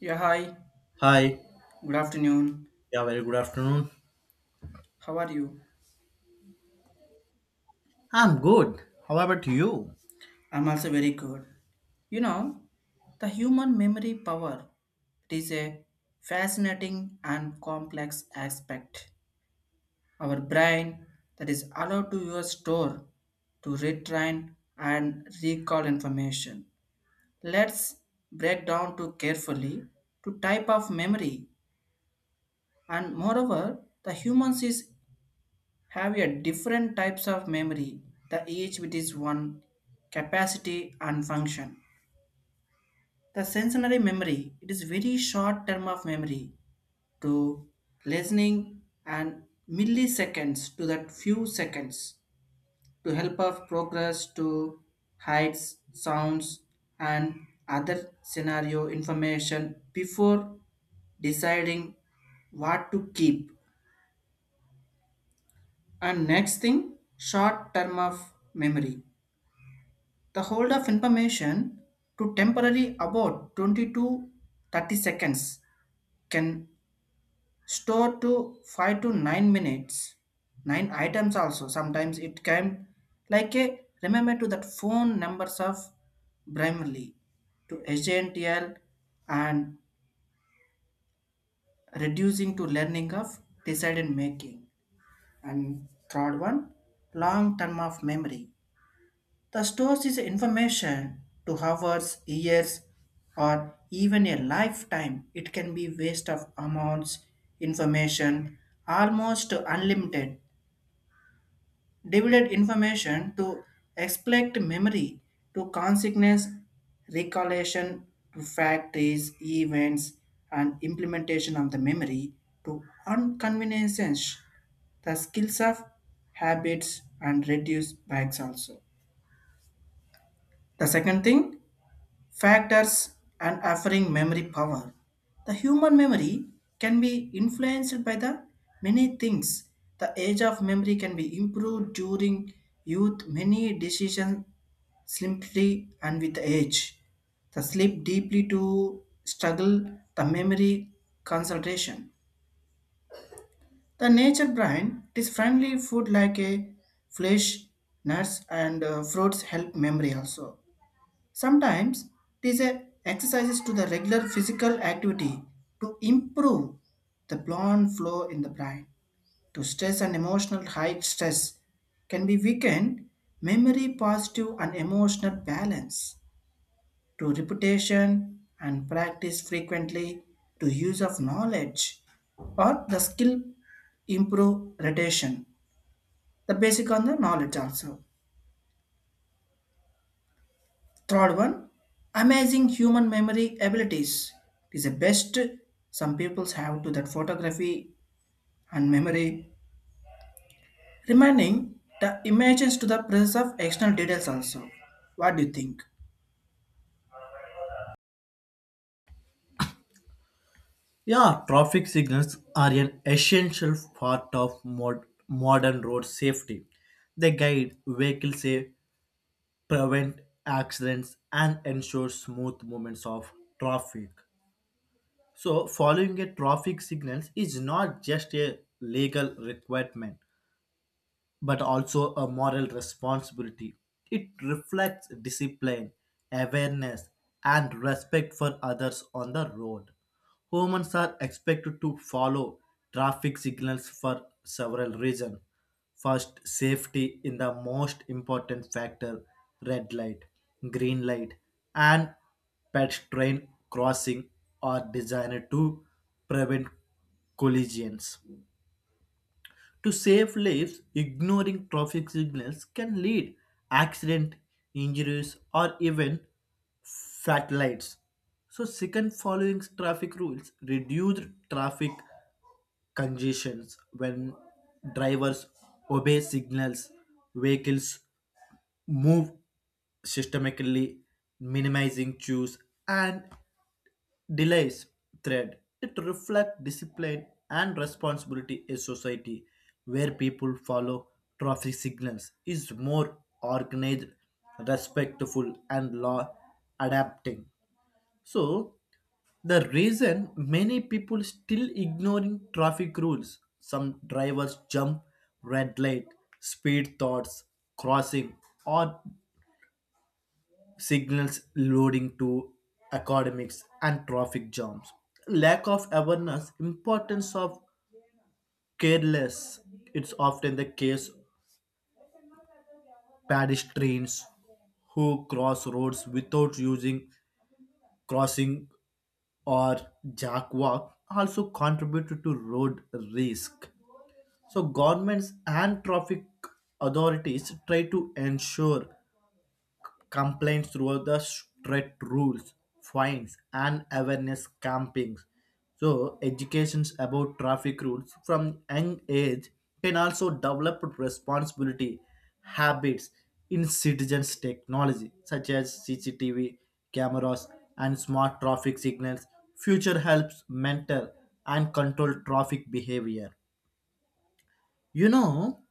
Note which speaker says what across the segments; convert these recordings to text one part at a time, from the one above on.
Speaker 1: Yeah, hi.
Speaker 2: Hi.
Speaker 1: Good afternoon.
Speaker 2: Yeah, very good afternoon.
Speaker 1: How are you?
Speaker 2: I'm good. How about you?
Speaker 1: I'm also very good. You know, the human memory power, it is a fascinating and complex aspect. Our brain that is allowed to use store to retrain and recall information. Let's break down to carefully to type of memory, and moreover the humans is have a different types of memory, the each with its one capacity and function. The sensory memory, it is very short term of memory to listening and milliseconds to that few seconds to help of progress to heights, sounds and other scenario information before deciding what to keep. And next thing, short term of memory. The hold of information to temporary about 20 to 30 seconds can store to 5 to 9 minutes. 9 items also. Sometimes it can like a remember to that phone numbers of primarily to agential and reducing to learning of decision making. And third one, long term of memory. The stores is information to hours, years, or even a lifetime. It can be waste of amounts, information, almost unlimited. Divided information to expect memory, to consciousness, recollection, to factories, events, and implementation of the memory, to inconveniences, the skills of habits, and reduce bags also. The second thing, factors and offering memory power. The human memory can be influenced by the many things. The age of memory can be improved during youth, many decisions simply and with age. The sleep deeply to struggle the memory concentration. The nature brain, it is friendly food like a flesh, nuts and fruits help memory also. Sometimes these a exercises to the regular physical activity to improve the blood flow in the brain. To stress and emotional high stress can be weakened memory, positive and emotional balance. To repetition and practice frequently to use of knowledge or the skill improve retention. The basic on the knowledge also. Third one, amazing human memory abilities. It is the best. Some people have to that photography and memory, remaining the images to the presence of external details also. What do you think?
Speaker 2: Yeah, traffic signals are an essential part of modern road safety. They guide vehicles, safe, prevent accidents, and ensure smooth movements of traffic. So, following a traffic signals is not just a legal requirement, but also a moral responsibility. It reflects discipline, awareness, and respect for others on the road. Humans are expected to follow traffic signals for several reasons. First, safety in the most important factor, red light, green light, and pedestrian crossing are designed to prevent collisions. To save lives, ignoring traffic signals can lead accident, injuries, or even fatalities. So, second, following traffic rules reduce traffic congestions when drivers obey signals, vehicles move systematically, minimizing queues and delays thread. It reflects discipline and responsibility in society where people follow traffic signals is more organized, respectful and law adapting. So the reason many people still ignoring traffic rules, some drivers jump red light, speed thoughts, crossing or signals loading to academics and traffic jams, lack of awareness importance of careless, it's often the case pedestrians who cross roads without using crossing or jackwalk also contribute to road risk. So governments and traffic authorities try to ensure complaints throughout the strict rules, fines, and awareness campings. So, educations about traffic rules from young age can also develop responsibility habits in citizens' technology, such as CCTV cameras and smart traffic signals. Future helps mentor and control traffic behavior. You know,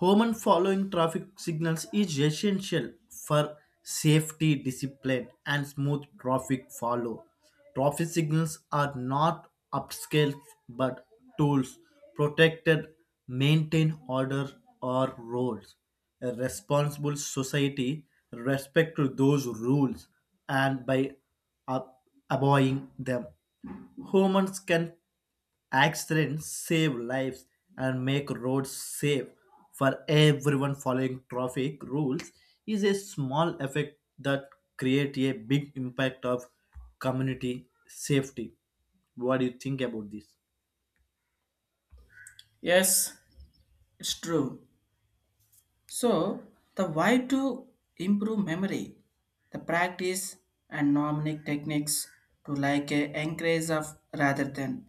Speaker 2: Human following traffic signals is essential for safety, discipline, and smooth traffic follow. Traffic signals are not upscale but tools protected, maintain order or roads. A responsible society respect to those rules and by ab- abiding them, humans can accidents save lives and make roads safe for everyone, following traffic rules is a small effect that create a big impact of community safety. What do you think about this?
Speaker 1: Yes, it's true. So, the why to improve memory, the practice and mnemonic techniques to like a encourage of rather than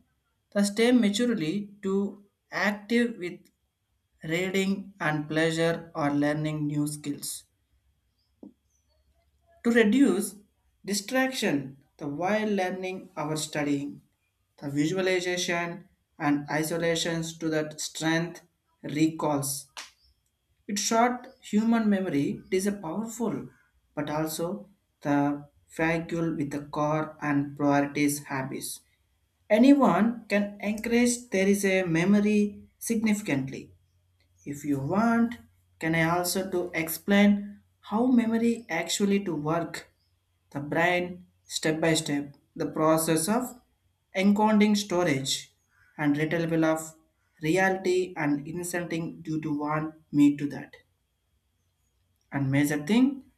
Speaker 1: the stay maturely to active with reading and pleasure or learning new skills. To reduce distraction the while learning our studying, the visualization and isolations to that strength recalls. It short human memory, it is a powerful but also the vacuole with the core and priorities habits. Anyone can encourage there is a memory significantly. If you want, can I also to explain how memory actually to work the brain step by step, the process of encoding storage and retrieval of reality and inserting due to want me to that. And major thing,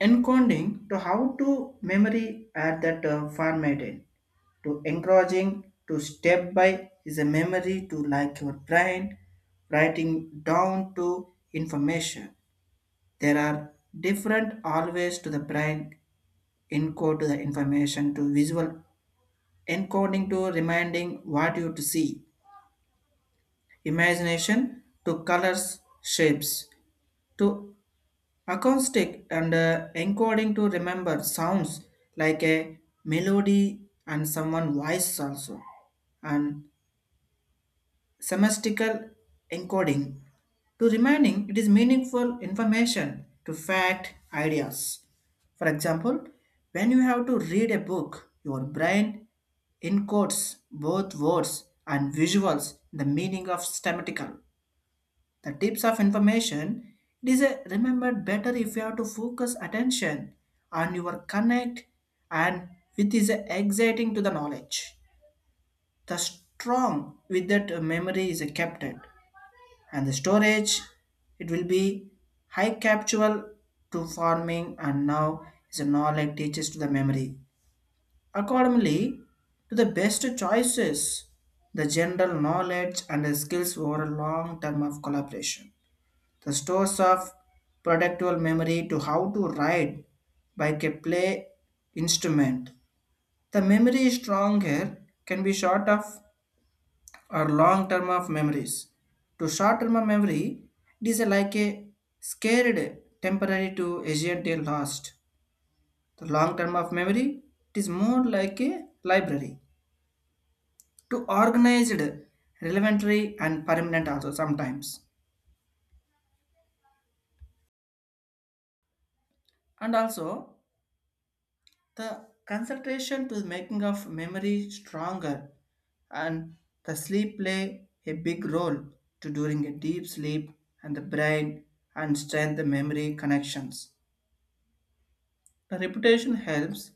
Speaker 1: encoding to how to memory at that format in to encouraging to step by is a memory to like your brain writing down to information. There are different always to the brain encode to the information to visual encoding to reminding what you to see, imagination to colors, shapes, to acoustic and encoding to remember sounds like a melody and someone voice also, and semantical encoding to remaining it is meaningful information to fact ideas. For example, when you have to read a book, your brain encodes both words and visuals in the meaning of semantical the tips of information. It is a, remembered better if you have to focus attention on your connect and with is exciting to the knowledge the strong with that memory is kept it. And the storage, it will be high captual to forming, and now is a knowledge like teaches to the memory accordingly to the best choices the general knowledge and the skills over a long term of collaboration the stores of productual memory to how to write by a play instrument. The memory is stronger, can be short of or long term of memories. To short term of memory, it is like a scared temporary to agent till lost. The long term of memory, it is more like a library to organized, relevantry and permanent also sometimes. And also the concentration to the making of memory stronger, and the sleep play a big role to during a deep sleep and the brain and strengthen the memory connections. The reputation helps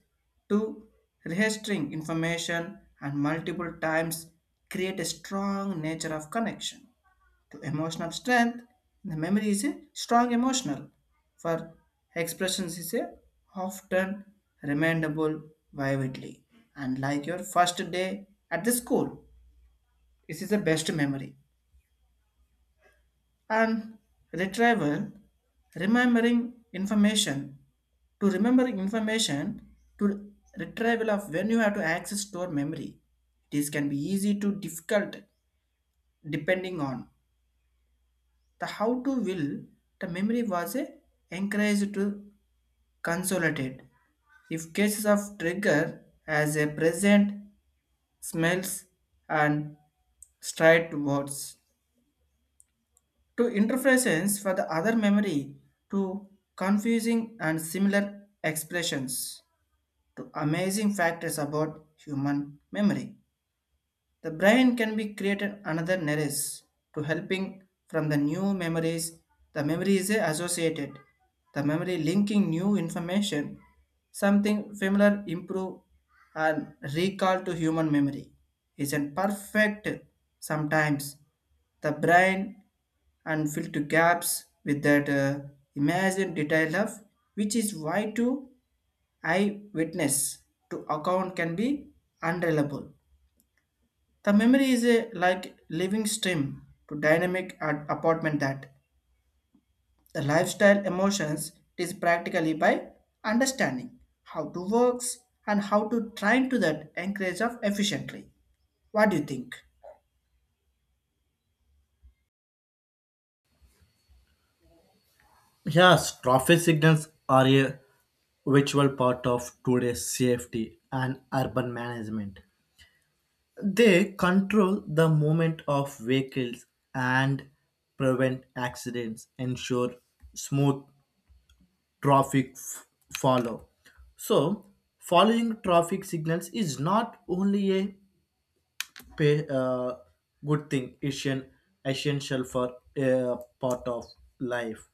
Speaker 1: to registering information and multiple times create a strong nature of connection to emotional strength. The memory is a strong emotional for expressions is a often rememberable vividly and like your first day at the school. This is the best memory. And retrieval, remembering information to remember information to retrieval of when you have to access store memory, this can be easy to difficult depending on the how to will the memory was a encouraged to consolidate if cases of trigger as a present smells and straight words to interference for the other memory to confusing and similar expressions to amazing factors about human memory. The brain can be created another nerves to helping from the new memories. The memory is associated. The memory linking new information, something familiar improve and recall to human memory isn't perfect sometimes. The brain and fill to gaps with that imagined detail of which is why to eye witness to account can be unreliable. The memory is a like living stream to dynamic apartment that the lifestyle emotions is practically by understanding how to works and how to try to that encourage of efficiently. What do you think?
Speaker 2: Yes, traffic signals are a virtual part of today's safety and urban management. They control the movement of vehicles and prevent accidents, ensure smooth traffic follow. So, following traffic signals is not only a pa- uh, good thing; it's an essential for a part of life.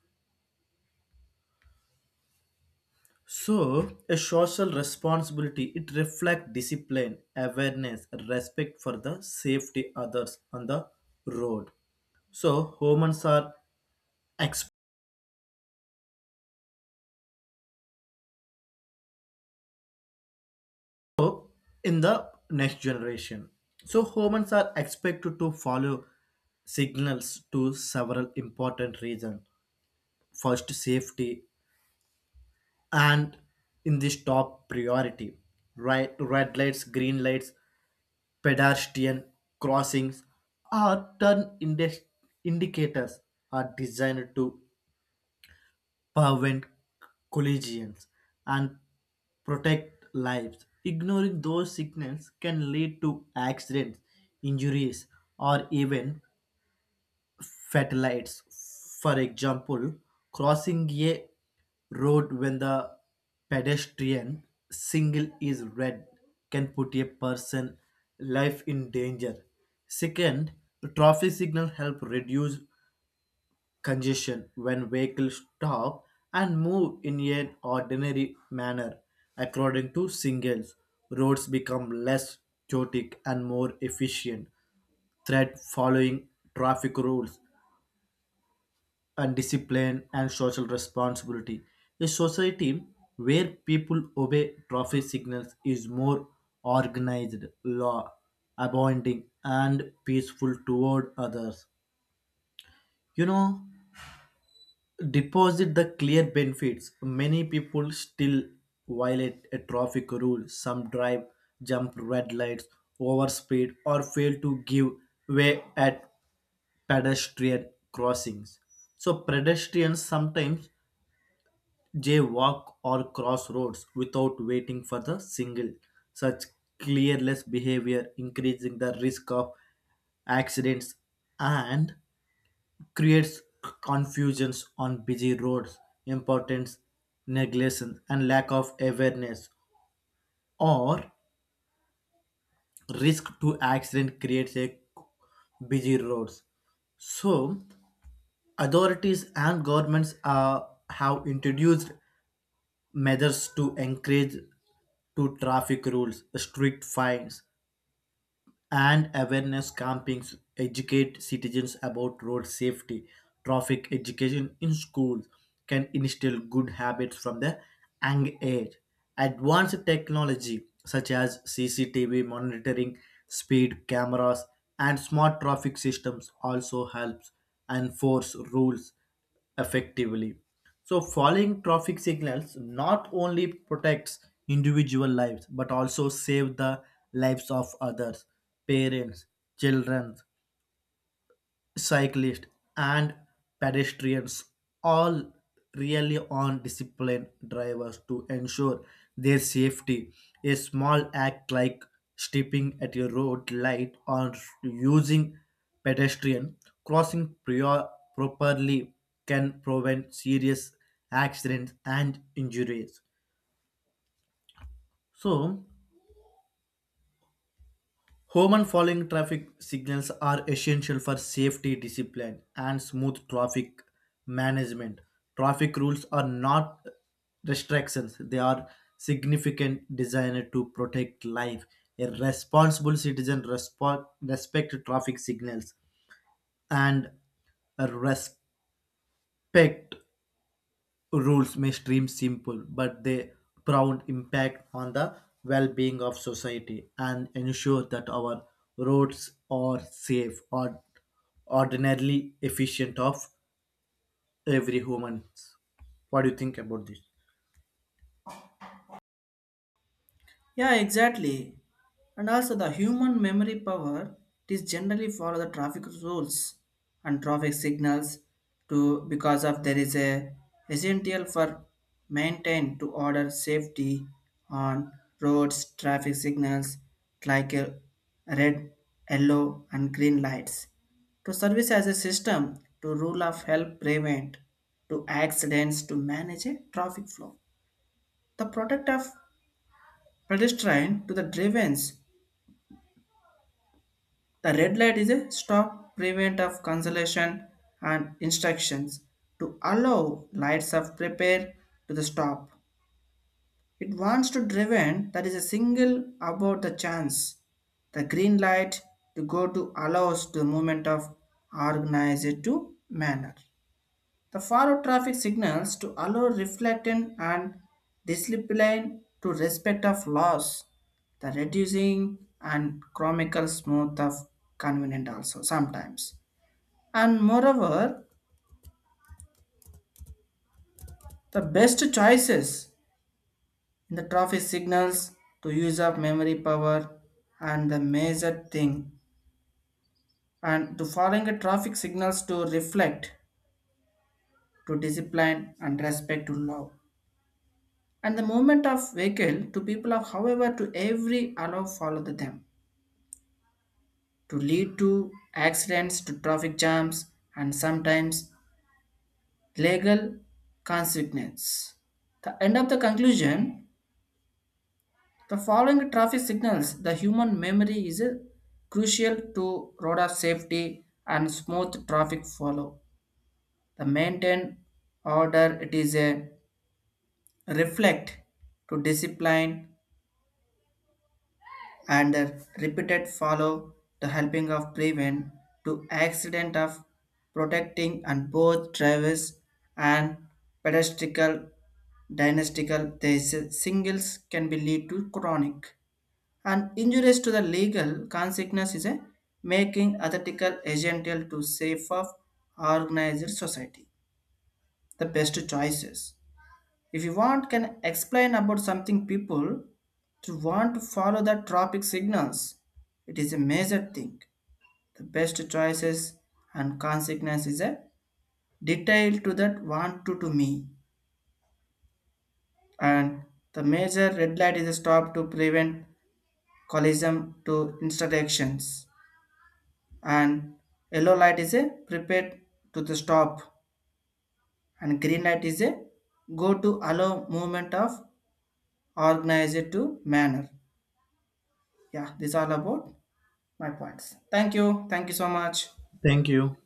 Speaker 2: So, a social responsibility, it reflects discipline, awareness, respect for the safety others on the road. So, humans are experts in the next generation. So humans are expected to follow signals to several important reasons. First, safety, and in this top priority, right? Red lights, green lights, pedestrian crossings, are turn indicators are designed to prevent collisions, and protect lives. Ignoring those signals can lead to accidents, injuries, or even fatalities. For example, crossing a road when the pedestrian signal is red can put a person's life in danger. Second, traffic signals help reduce congestion when vehicles stop and move in an ordinary manner. According to Singles, roads become less chaotic and more efficient, threat following traffic rules and discipline and social responsibility. A society where people obey traffic signals is more organized, law abiding, and peaceful toward others. You know, deposit the clear benefits, many people still violate a traffic rule, some drive jump red lights, overspeed or fail to give way at pedestrian crossings, so pedestrians sometimes jaywalk or cross roads without waiting for the signal. Such careless behavior increasing the risk of accidents and creates confusions on busy roads, importance, negligence, and lack of awareness, or risk to accident creates a busy roads. So, authorities and governments have introduced measures to encourage to traffic rules, strict fines, and awareness campings educate citizens about road safety. Traffic education in schools can instill good habits from the young age. Advanced technology such as cctv monitoring, speed cameras and smart traffic systems also helps enforce rules effectively. So, following traffic signals not only protects individual lives but also save the lives of others, parents, children, cyclists and pedestrians all really on disciplined drivers to ensure their safety. A small act like stepping at a road light or using pedestrian crossing properly can prevent serious accidents and injuries. So, human following traffic signals are essential for safety, discipline and smooth traffic management. Traffic rules are not restrictions, they are significant designed to protect life. A responsible citizen respect traffic signals and respect rules may seem simple, but they profound impact on the well-being of society and ensure that our roads are safe or ordinarily efficient of every human. What do you think about this?
Speaker 1: Yeah, exactly. And also the human memory power, it is generally follow the traffic rules and traffic signals to because of there is a essential for maintain to order safety on roads. Traffic signals like a red, yellow and green lights to service as a system to rule of help prevent to accidents to manage a traffic flow the product of pedestrian to the drivens. The red light is a stop prevent of cancellation and instructions to allow lights of prepare to the stop. It wants to driven that is a single about the chance. The green light to go to allows the movement of organized to manner. The forward traffic signals to allow reflecting and discipline to respect of laws, the reducing and chronicle smooth of convenient also sometimes. And moreover, the best choices in the traffic signals to use of memory power and the major thing, and to following the traffic signals to reflect to discipline and respect to law and the movement of vehicle to people of however to every allow follow the them to lead to accidents to traffic jams and sometimes legal consequences. The end of the conclusion, the following traffic signals the human memory is a crucial to road of safety and smooth traffic follow the maintain order, it is a reflect to discipline and the repeated follow the helping of prevent to accident of protecting and both drivers and pedestrian. Dynastical these singles can be lead to chronic and injuries to the legal consequence is a making ethical essential to safe of organized society the best choices. If you want, can explain about something people to want to follow the traffic signals. It is a major thing. The best choices and consequence is a detail to that want to me. And the major red light is a stop to prevent collision to intersections. And yellow light is a prepared to the stop. And green light is a go to allow movement of organized to manner. Yeah, this all about my points. Thank you. Thank you so much.
Speaker 2: Thank you.